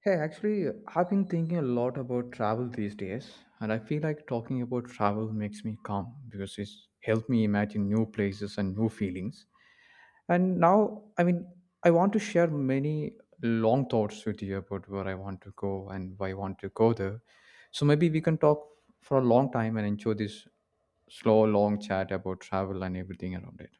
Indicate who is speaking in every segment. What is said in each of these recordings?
Speaker 1: Hey, actually, I've been thinking a lot about travel these days, and I feel like talking about travel makes me calm because it's helped me imagine new places and new feelings. And now, I want to share many long thoughts with you about where I want to go and why I want to go there. So maybe we can talk for a long time and enjoy this slow, long chat about travel and everything around it.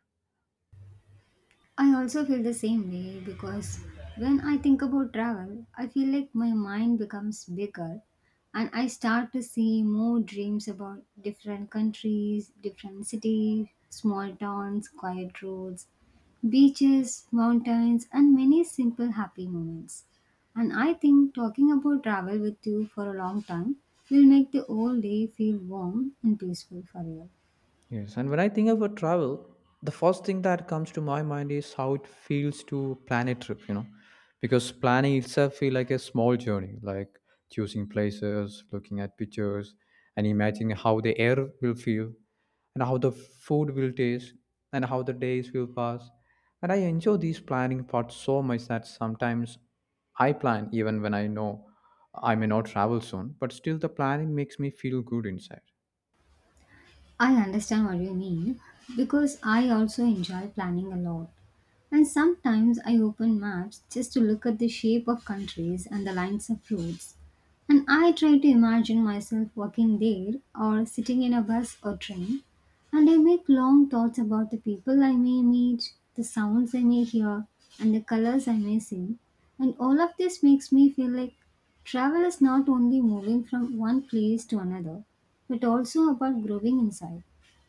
Speaker 2: I also feel the same way because when I think about travel, I feel like my mind becomes bigger and I start to see more dreams about different countries, different cities, small towns, quiet roads, beaches, mountains, and many simple happy moments. And I think talking about travel with you for a long time will make the whole day feel warm and peaceful for you.
Speaker 1: Yes, and when I think about travel, the first thing that comes to my mind is how it feels to plan a trip, because planning itself feel like a small journey, like choosing places, looking at pictures, and imagining how the air will feel, and how the food will taste, and how the days will pass. And I enjoy these planning parts so much that sometimes I plan even when I know I may not travel soon, but still the planning makes me feel good inside.
Speaker 2: I understand what you mean because I also enjoy planning a lot. And sometimes I open maps just to look at the shape of countries and the lines of roads. And I try to imagine myself walking there or sitting in a bus or train. And I make long thoughts about the people I may meet, the sounds I may hear, and the colors I may see. And all of this makes me feel like travel is not only moving from one place to another, but also about growing inside.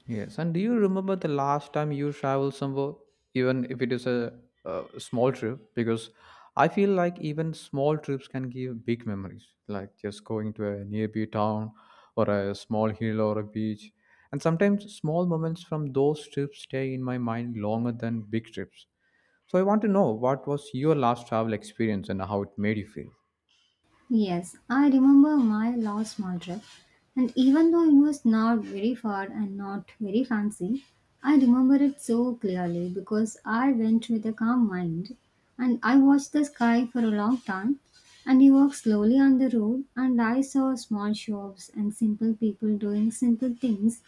Speaker 1: Yes, and do you remember the last time you traveled somewhere, even if it is a small trip? Because I feel like even small trips can give big memories, like just going to a nearby town or a small hill or a beach. And sometimes small moments from those trips stay in my mind longer than big trips. So I want to know what was your last travel experience and how it made you feel.
Speaker 2: Yes, I remember my last small trip, and even though it was not very far and not very fancy, I remember it so clearly because I went with a calm mind and I watched the sky for a long time. And we walked slowly on the road, and I saw small shops and simple people doing simple things,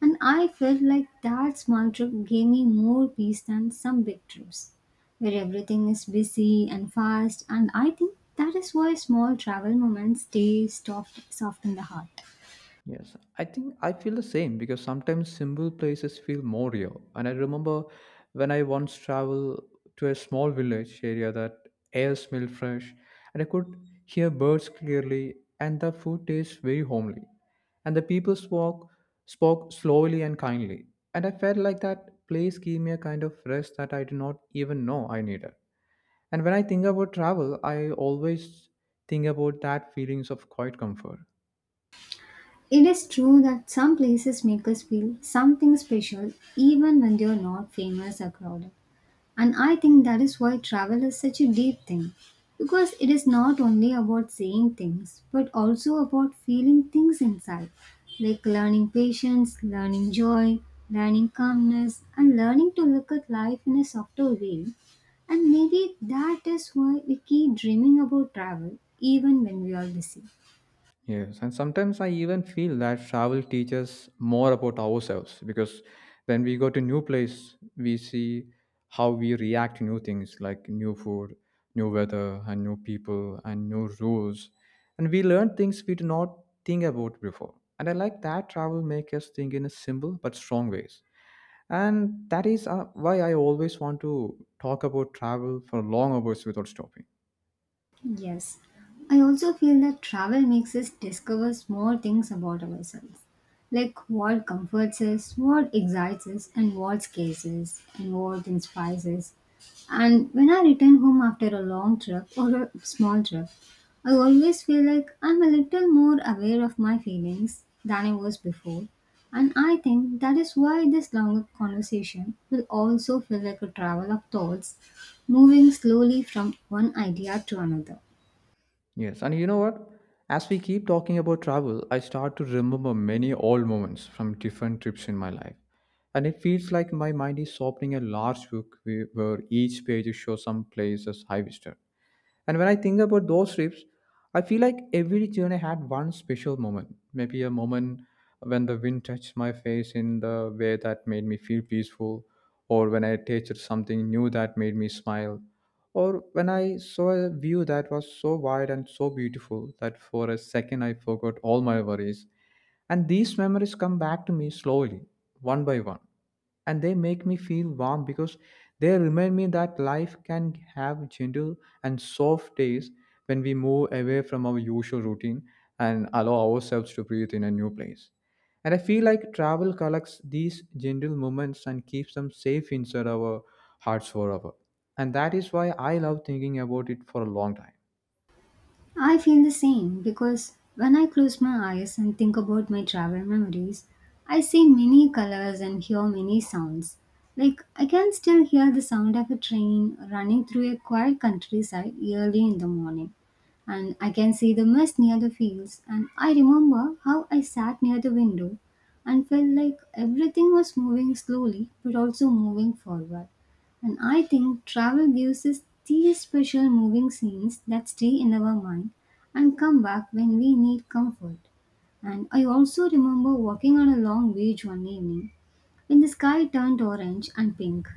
Speaker 2: and I felt like that small trip gave me more peace than some big trips, where everything is busy and fast. And I think that is why small travel moments stay soft, soft in the heart.
Speaker 1: Yes, I think I feel the same because sometimes simple places feel more real. And I remember when I once traveled to a small village area that air smelled fresh and I could hear birds clearly and the food tastes very homely. And the people spoke slowly and kindly. And I felt like that place gave me a kind of rest that I did not even know I needed. And when I think about travel, I always think about that feelings of quiet comfort.
Speaker 2: It is true that some places make us feel something special even when they are not famous or crowded. And I think that is why travel is such a deep thing. Because it is not only about seeing things, but also about feeling things inside, like learning patience, learning joy, learning calmness, and learning to look at life in a softer way. And maybe that is why we keep dreaming about travel, even when we are busy.
Speaker 1: Yes, and sometimes I even feel that travel teaches more about ourselves because when we go to new place, we see how we react to new things like new food, new weather, and new people, and new rules, and we learn things we did not think about before. And I like that travel makes us think in a simple but strong ways. And that is why I always want to talk about travel for long hours without stopping.
Speaker 2: Yes, I also feel that travel makes us discover more things about ourselves, like what comforts us, what excites us, and what scares us, and what inspires us. And when I return home after a long trip or a small trip, I always feel like I'm a little more aware of my feelings than I was before. And I think that is why this longer conversation will also feel like a travel of thoughts, moving slowly from one idea to another.
Speaker 1: Yes, and you know what? As we keep talking about travel, I start to remember many old moments from different trips in my life. And it feels like my mind is opening a large book where each page shows some places I visited. And when I think about those trips, I feel like every journey had one special moment. Maybe a moment when the wind touched my face in the way that made me feel peaceful, or when I tasted something new that made me smile, or when I saw a view that was so wide and so beautiful that for a second I forgot all my worries. And these memories come back to me slowly, one by one. And they make me feel warm because they remind me that life can have gentle and soft days when we move away from our usual routine and allow ourselves to breathe in a new place. And I feel like travel collects these gentle moments and keeps them safe inside our hearts forever. And that is why I love thinking about it for a long time.
Speaker 2: I feel the same because when I close my eyes and think about my travel memories, I see many colors and hear many sounds. Like, I can still hear the sound of a train running through a quiet countryside early in the morning. And I can see the mist near the fields, and I remember how I sat near the window and felt like everything was moving slowly but also moving forward. And I think travel gives us these special moving scenes that stay in our mind and come back when we need comfort. And I also remember walking on a long beach one evening when the sky turned orange and pink,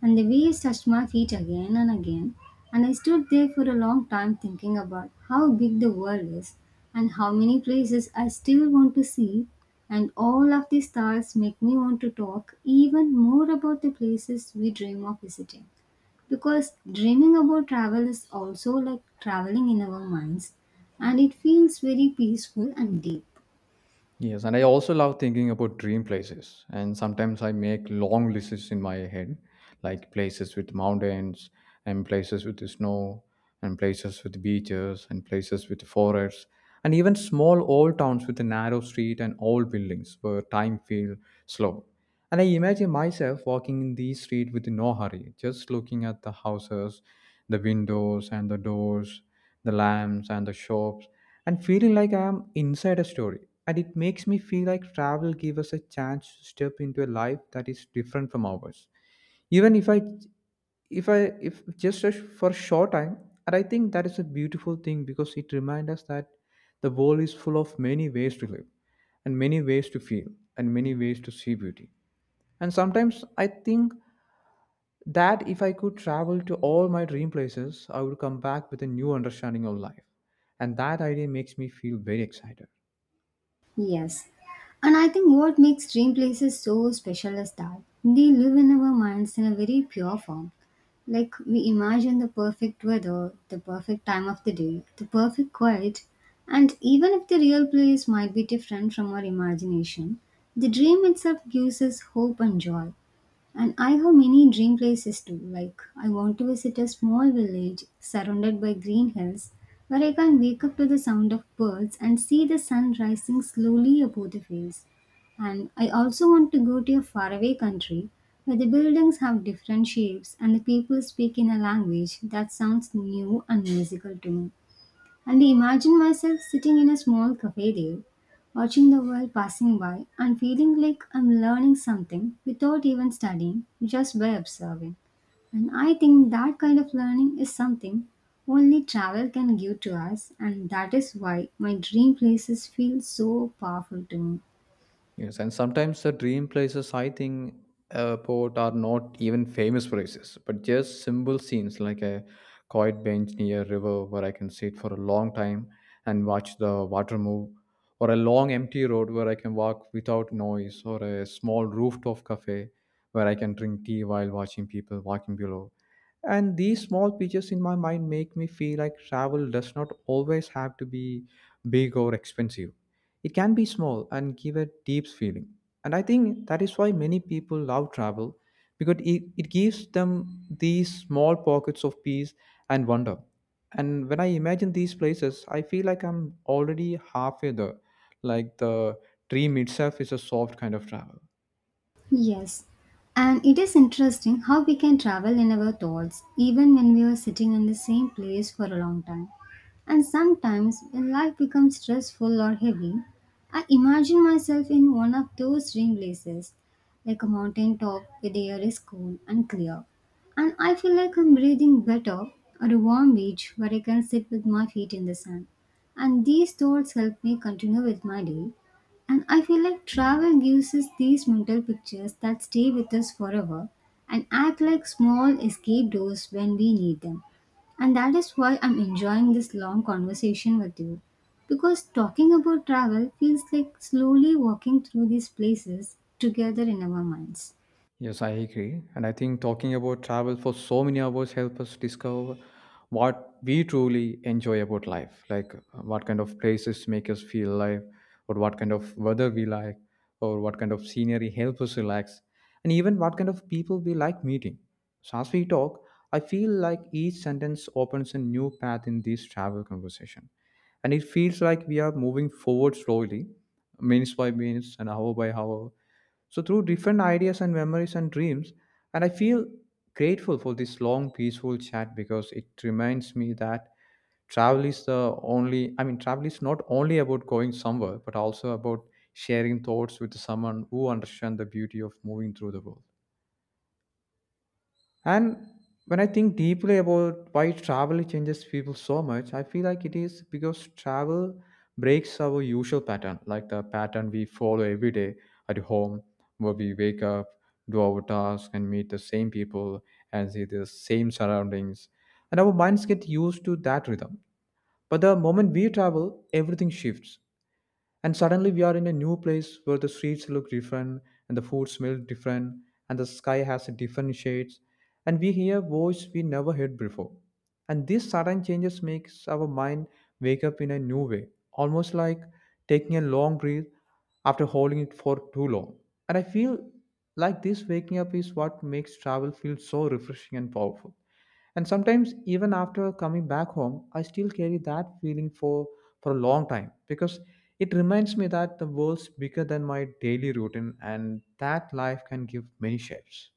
Speaker 2: and the waves touched my feet again and again, and I stood there for a long time thinking about how big the world is and how many places I still want to see, and all of these stars make me want to talk even more about the places we dream of visiting. Because dreaming about travel is also like traveling in our minds, and it feels very peaceful and deep.
Speaker 1: Yes, and I also love thinking about dream places. And sometimes I make long lists in my head, like places with mountains, and places with the snow, and places with beaches, and places with forests, and even small old towns with a narrow street and old buildings where time feels slow. And I imagine myself walking in these streets with no hurry, just looking at the houses, the windows, and the doors, the lamps and the shops, and feeling like I am inside a story. And it makes me feel like travel gives us a chance to step into a life that is different from ours. Even if I, if I, if just a sh- For a short time, and I think that is a beautiful thing because it reminds us that the world is full of many ways to live and many ways to feel and many ways to see beauty. And sometimes I think that if I could travel to all my dream places, I would come back with a new understanding of life. And that idea makes me feel very excited.
Speaker 2: Yes. And I think what makes dream places so special is that they live in our minds in a very pure form. Like, we imagine the perfect weather, the perfect time of the day, the perfect quiet, and even if the real place might be different from our imagination, the dream itself gives us hope and joy. And I have many dream places too. Like, I want to visit a small village surrounded by green hills where I can wake up to the sound of birds and see the sun rising slowly above the fields. And I also want to go to a faraway country where the buildings have different shapes and the people speak in a language that sounds new and musical to me. And I imagine myself sitting in a small cafe there, watching the world passing by and feeling like I'm learning something without even studying, just by observing. And I think that kind of learning is something only travel can give to us, and that is why my dream places feel so powerful to me.
Speaker 1: Yes, and sometimes the dream places I think about are not even famous places, but just simple scenes like a quiet bench near a river where I can sit for a long time and watch the water move, or a long empty road where I can walk without noise, or a small rooftop cafe where I can drink tea while watching people walking below, and these small pictures in my mind make me feel like travel does not always have to be big or expensive. It can be small and give a deep feeling. And I think that is why many people love travel because it gives them these small pockets of peace and wonder. And when I imagine these places, I feel like I'm already halfway there, like the dream itself is a soft kind of travel.
Speaker 2: Yes, and it is interesting how we can travel in our thoughts even when we are sitting in the same place for a long time. And sometimes when life becomes stressful or heavy, I imagine myself in one of those dream places, like a mountain top where the air is cool and clear. And I feel like I'm breathing better, or a warm beach where I can sit with my feet in the sand. And these thoughts help me continue with my day, and I feel like travel gives us these mental pictures that stay with us forever and act like small escape doors when we need them. And that is why I'm enjoying this long conversation with you. Because talking about travel feels like slowly walking through these places together in our minds.
Speaker 1: Yes, I agree. And I think talking about travel for so many hours help us discover what we truly enjoy about life, like what kind of places make us feel alive, or what kind of weather we like, or what kind of scenery help us relax, and even what kind of people we like meeting. So as we talk, I feel like each sentence opens a new path in this travel conversation. And it feels like we are moving forward slowly, minutes by minutes and hour by hour, so, through different ideas and memories and dreams, and I feel grateful for this long, peaceful chat because it reminds me that travel is not only about going somewhere, but also about sharing thoughts with someone who understands the beauty of moving through the world. And when I think deeply about why travel changes people so much, I feel like it is because travel breaks our usual pattern, like the pattern we follow every day at home, where we wake up, do our tasks, and meet the same people and see the same surroundings. And our minds get used to that rhythm. But the moment we travel, everything shifts. And suddenly we are in a new place where the streets look different and the food smells different and the sky has a different shades and we hear voice we never heard before. And these sudden changes makes our mind wake up in a new way, almost like taking a long breath after holding it for too long. And I feel like this waking up is what makes travel feel so refreshing and powerful. And sometimes, even after coming back home, I still carry that feeling for a long time because it reminds me that the world's bigger than my daily routine and that life can give many shapes.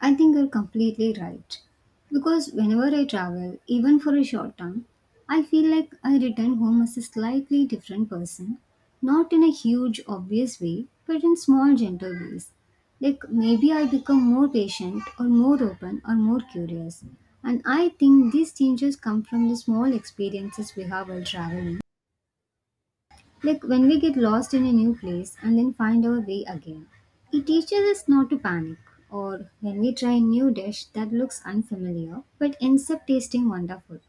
Speaker 2: I think you're completely right. Because whenever I travel, even for a short time, I feel like I return home as a slightly different person. Not in a huge, obvious way, but in small, gentle ways. Like maybe I become more patient, or more open, or more curious. And I think these changes come from the small experiences we have while traveling, like when we get lost in a new place and then find our way again, it teaches us not to panic. Or when we try a new dish that looks unfamiliar but ends up tasting wonderful,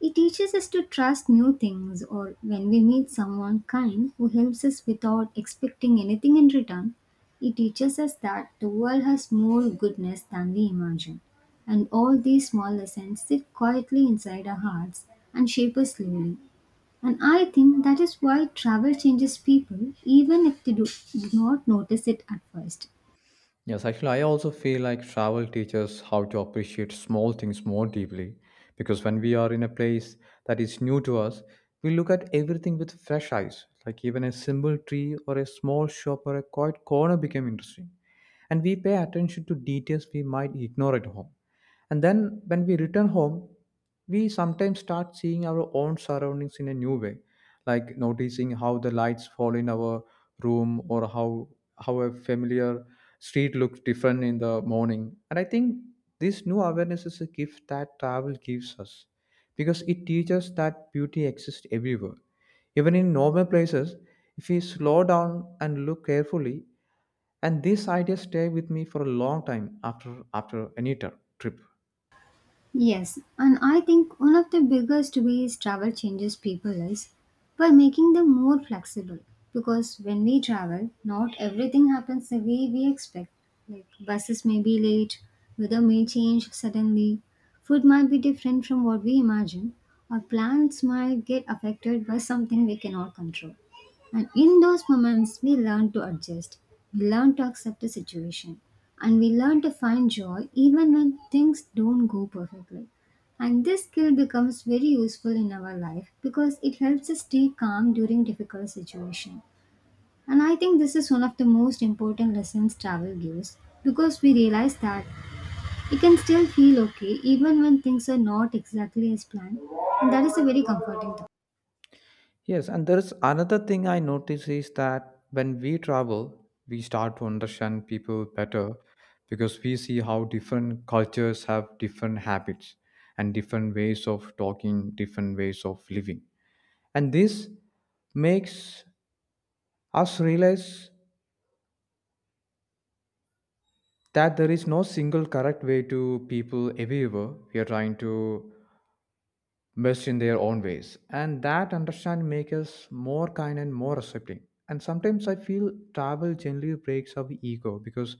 Speaker 2: it teaches us to trust new things. Or when we meet someone kind who helps us without expecting anything in return, it teaches us that the world has more goodness than we imagine. And all these small lessons sit quietly inside our hearts and shape us slowly, and I think that is why travel changes people, even if they do not notice it at first.
Speaker 1: Yes, actually, I also feel like travel teaches how to appreciate small things more deeply because when we are in a place that is new to us, we look at everything with fresh eyes. Like even a simple tree or a small shop or a quiet corner became interesting. And we pay attention to details we might ignore at home. And then when we return home, we sometimes start seeing our own surroundings in a new way, like noticing how the lights fall in our room, or how a familiar street looks different in the morning. And I think this new awareness is a gift that travel gives us because it teaches that beauty exists everywhere, even in normal places, if we slow down and look carefully. And this idea stay with me for a long time after any trip.
Speaker 2: Yes, and I think one of the biggest ways travel changes people is by making them more flexible. Because when we travel, not everything happens the way we expect. Like buses may be late, weather may change suddenly, food might be different from what we imagine, or plans might get affected by something we cannot control. And in those moments, we learn to adjust, we learn to accept the situation, and we learn to find joy even when things don't go perfectly. And this skill becomes very useful in our life because it helps us stay calm during difficult situations. And I think this is one of the most important lessons travel gives, because we realize that we can still feel okay even when things are not exactly as planned, and that is a very comforting thought.
Speaker 1: Yes, and there's another thing I notice is that when we travel, we start to understand people better because we see how different cultures have different habits and different ways of talking, different ways of living. And this makes us realize that there is no single correct way to people everywhere. We are trying to best in their own ways. And that understanding makes us more kind and more accepting. And sometimes I feel travel generally breaks our ego because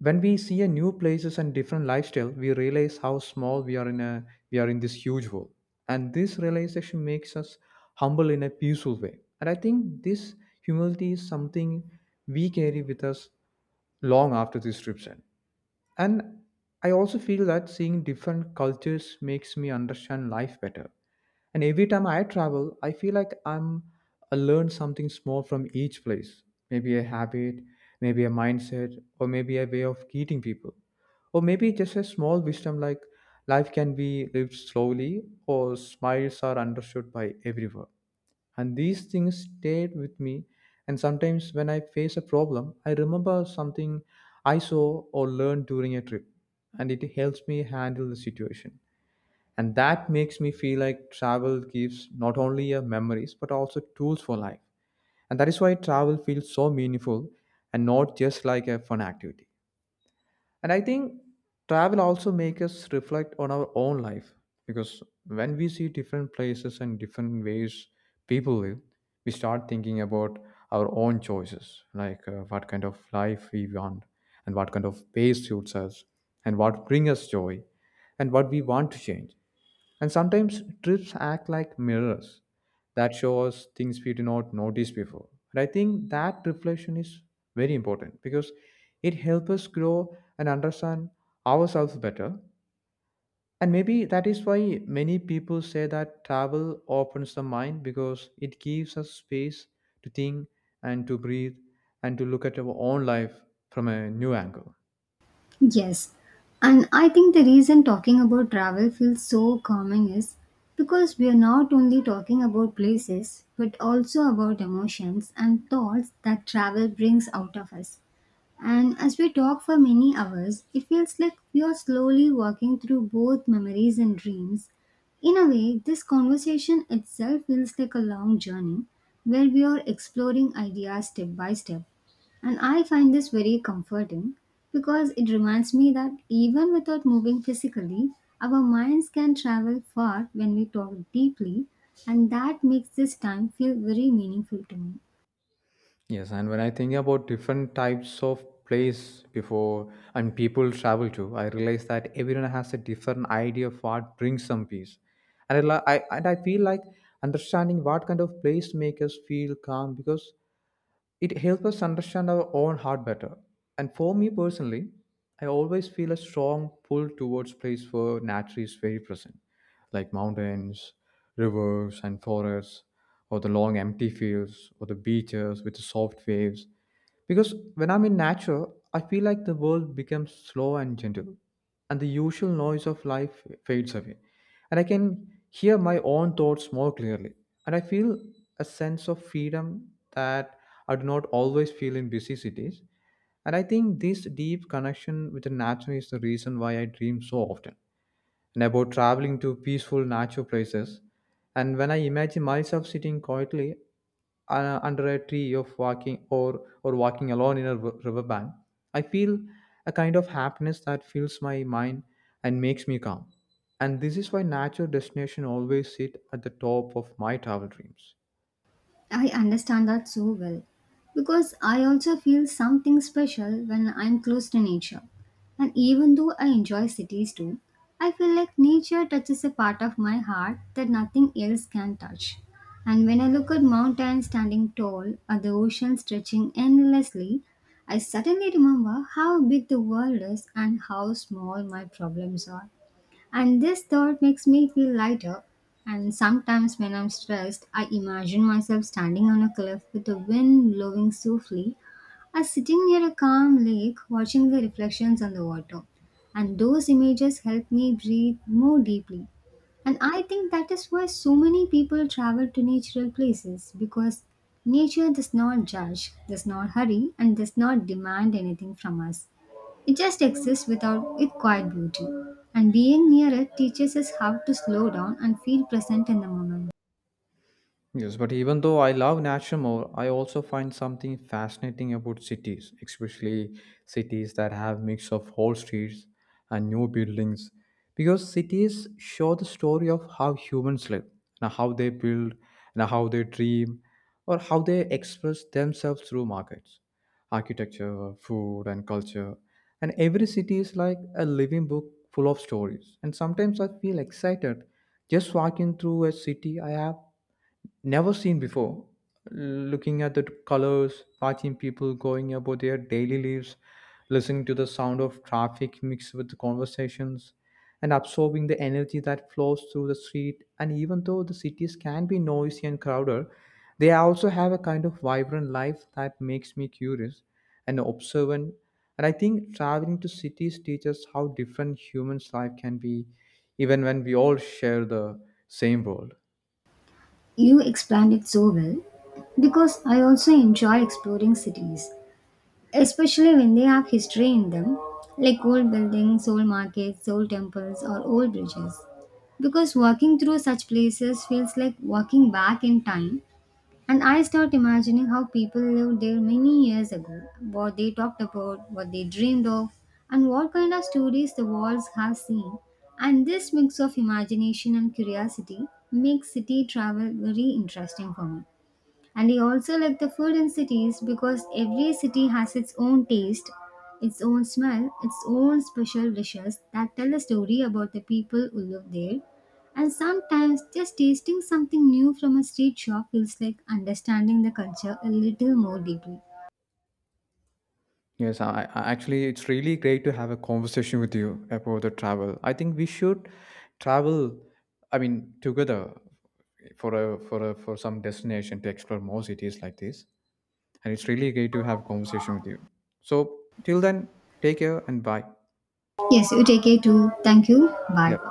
Speaker 1: when we see a new places and different lifestyle, we realize how small we are in a we are in this huge world. And this realization makes us humble in a peaceful way. And I think this humility is something we carry with us long after these trips end. And I also feel that seeing different cultures makes me understand life better. And every time I travel, I feel like I'm I learn something small from each place. Maybe a habit, maybe a mindset, or maybe a way of greeting people. Or maybe just a small wisdom like life can be lived slowly or smiles are understood by everyone. And these things stayed with me. And sometimes when I face a problem, I remember something I saw or learned during a trip, and it helps me handle the situation. And that makes me feel like travel gives not only memories but also tools for life. And that is why travel feels so meaningful and not just like a fun activity. And I think travel also make us reflect on our own life, because when we see different places and different ways people live, we start thinking about our own choices, like what kind of life we want, and what kind of pace suits us, and what bring us joy, and what we want to change. And sometimes trips act like mirrors that show us things we did not notice before. And I think that reflection is very important because it helps us grow and understand ourselves better. And maybe that is why many people say that travel opens the mind, because it gives us space to think and to breathe and to look at our own life from a new angle.
Speaker 2: Yes, and I think the reason talking about travel feels so calming is because we are not only talking about places but also about emotions and thoughts that travel brings out of us. And as we talk for many hours, it feels like we are slowly walking through both memories and dreams. In a way, this conversation itself feels like a long journey where we are exploring ideas step by step. And I find this very comforting because it reminds me that even without moving physically, our minds can travel far when we talk deeply, and that makes this time feel very meaningful to me.
Speaker 1: Yes, and when I think about different types of place before and people travel to, I realize that everyone has a different idea of what brings some peace. And I feel like understanding what kind of place make us feel calm, because it helps us understand our own heart better. And for me personally, I always feel a strong pull towards place where nature is very present, like mountains, rivers, and forests, or the long empty fields, or the beaches with the soft waves. Because when I'm in nature, I feel like the world becomes slow and gentle, and the usual noise of life fades away. And I can hear my own thoughts more clearly. And I feel a sense of freedom that I do not always feel in busy cities. And I think this deep connection with the nature is the reason why I dream so often and about traveling to peaceful natural places. And when I imagine myself sitting quietly under a tree of walking or walking alone in a riverbank, I feel a kind of happiness that fills my mind and makes me calm. And this is why natural destination always sit at the top of my travel dreams.
Speaker 2: I understand that so well because I also feel something special when I'm close to nature. And even though I enjoy cities too, I feel like nature touches a part of my heart that nothing else can touch. And when I look at mountains standing tall or the ocean stretching endlessly, I suddenly remember how big the world is and how small my problems are. And this thought makes me feel lighter. And sometimes when I'm stressed, I imagine myself standing on a cliff with the wind blowing softly, or sitting near a calm lake watching the reflections on the water. And those images help me breathe more deeply. And I think that is why so many people travel to natural places, because nature does not judge, does not hurry, and does not demand anything from us. It just exists without its quiet beauty, and being near it teaches us how to slow down and feel present in the moment.
Speaker 1: Yes, but even though I love nature more, I also find something fascinating about cities, especially cities that have mix of old streets and new buildings, because cities show the story of how humans live, and how they build, and how they dream, or how they express themselves through markets, architecture, food, and culture. And every city is like a living book full of stories. And sometimes I feel excited just walking through a city I have never seen before. Looking at the colors, watching people going about their daily lives, listening to the sound of traffic mixed with the conversations, and absorbing the energy that flows through the street. And even though the cities can be noisy and crowded, they also have a kind of vibrant life that makes me curious and observant. And I think traveling to cities teaches how different humans' life can be, even when we all share the same world.
Speaker 2: You explained it so well because I also enjoy exploring cities, especially when they have history in them, like old buildings, old markets, old temples, or old bridges. Because walking through such places feels like walking back in time. And I start imagining how people lived there many years ago, what they talked about, what they dreamed of, and what kind of stories the walls have seen. And this mix of imagination and curiosity makes city travel very interesting for me. And I also like the food in cities, because every city has its own taste, its own smell, its own special dishes that tell a story about the people who live there. And sometimes just tasting something new from a street shop feels like understanding the culture a little more deeply.
Speaker 1: Yes, I actually, it's really great to have a conversation with you about the travel. I think we should travel. I mean, together for some destination to explore more cities like this. And it's really great to have a conversation with you. So till then, take care and bye.
Speaker 2: Yes, you take care too. Thank you. Bye.
Speaker 1: Yeah.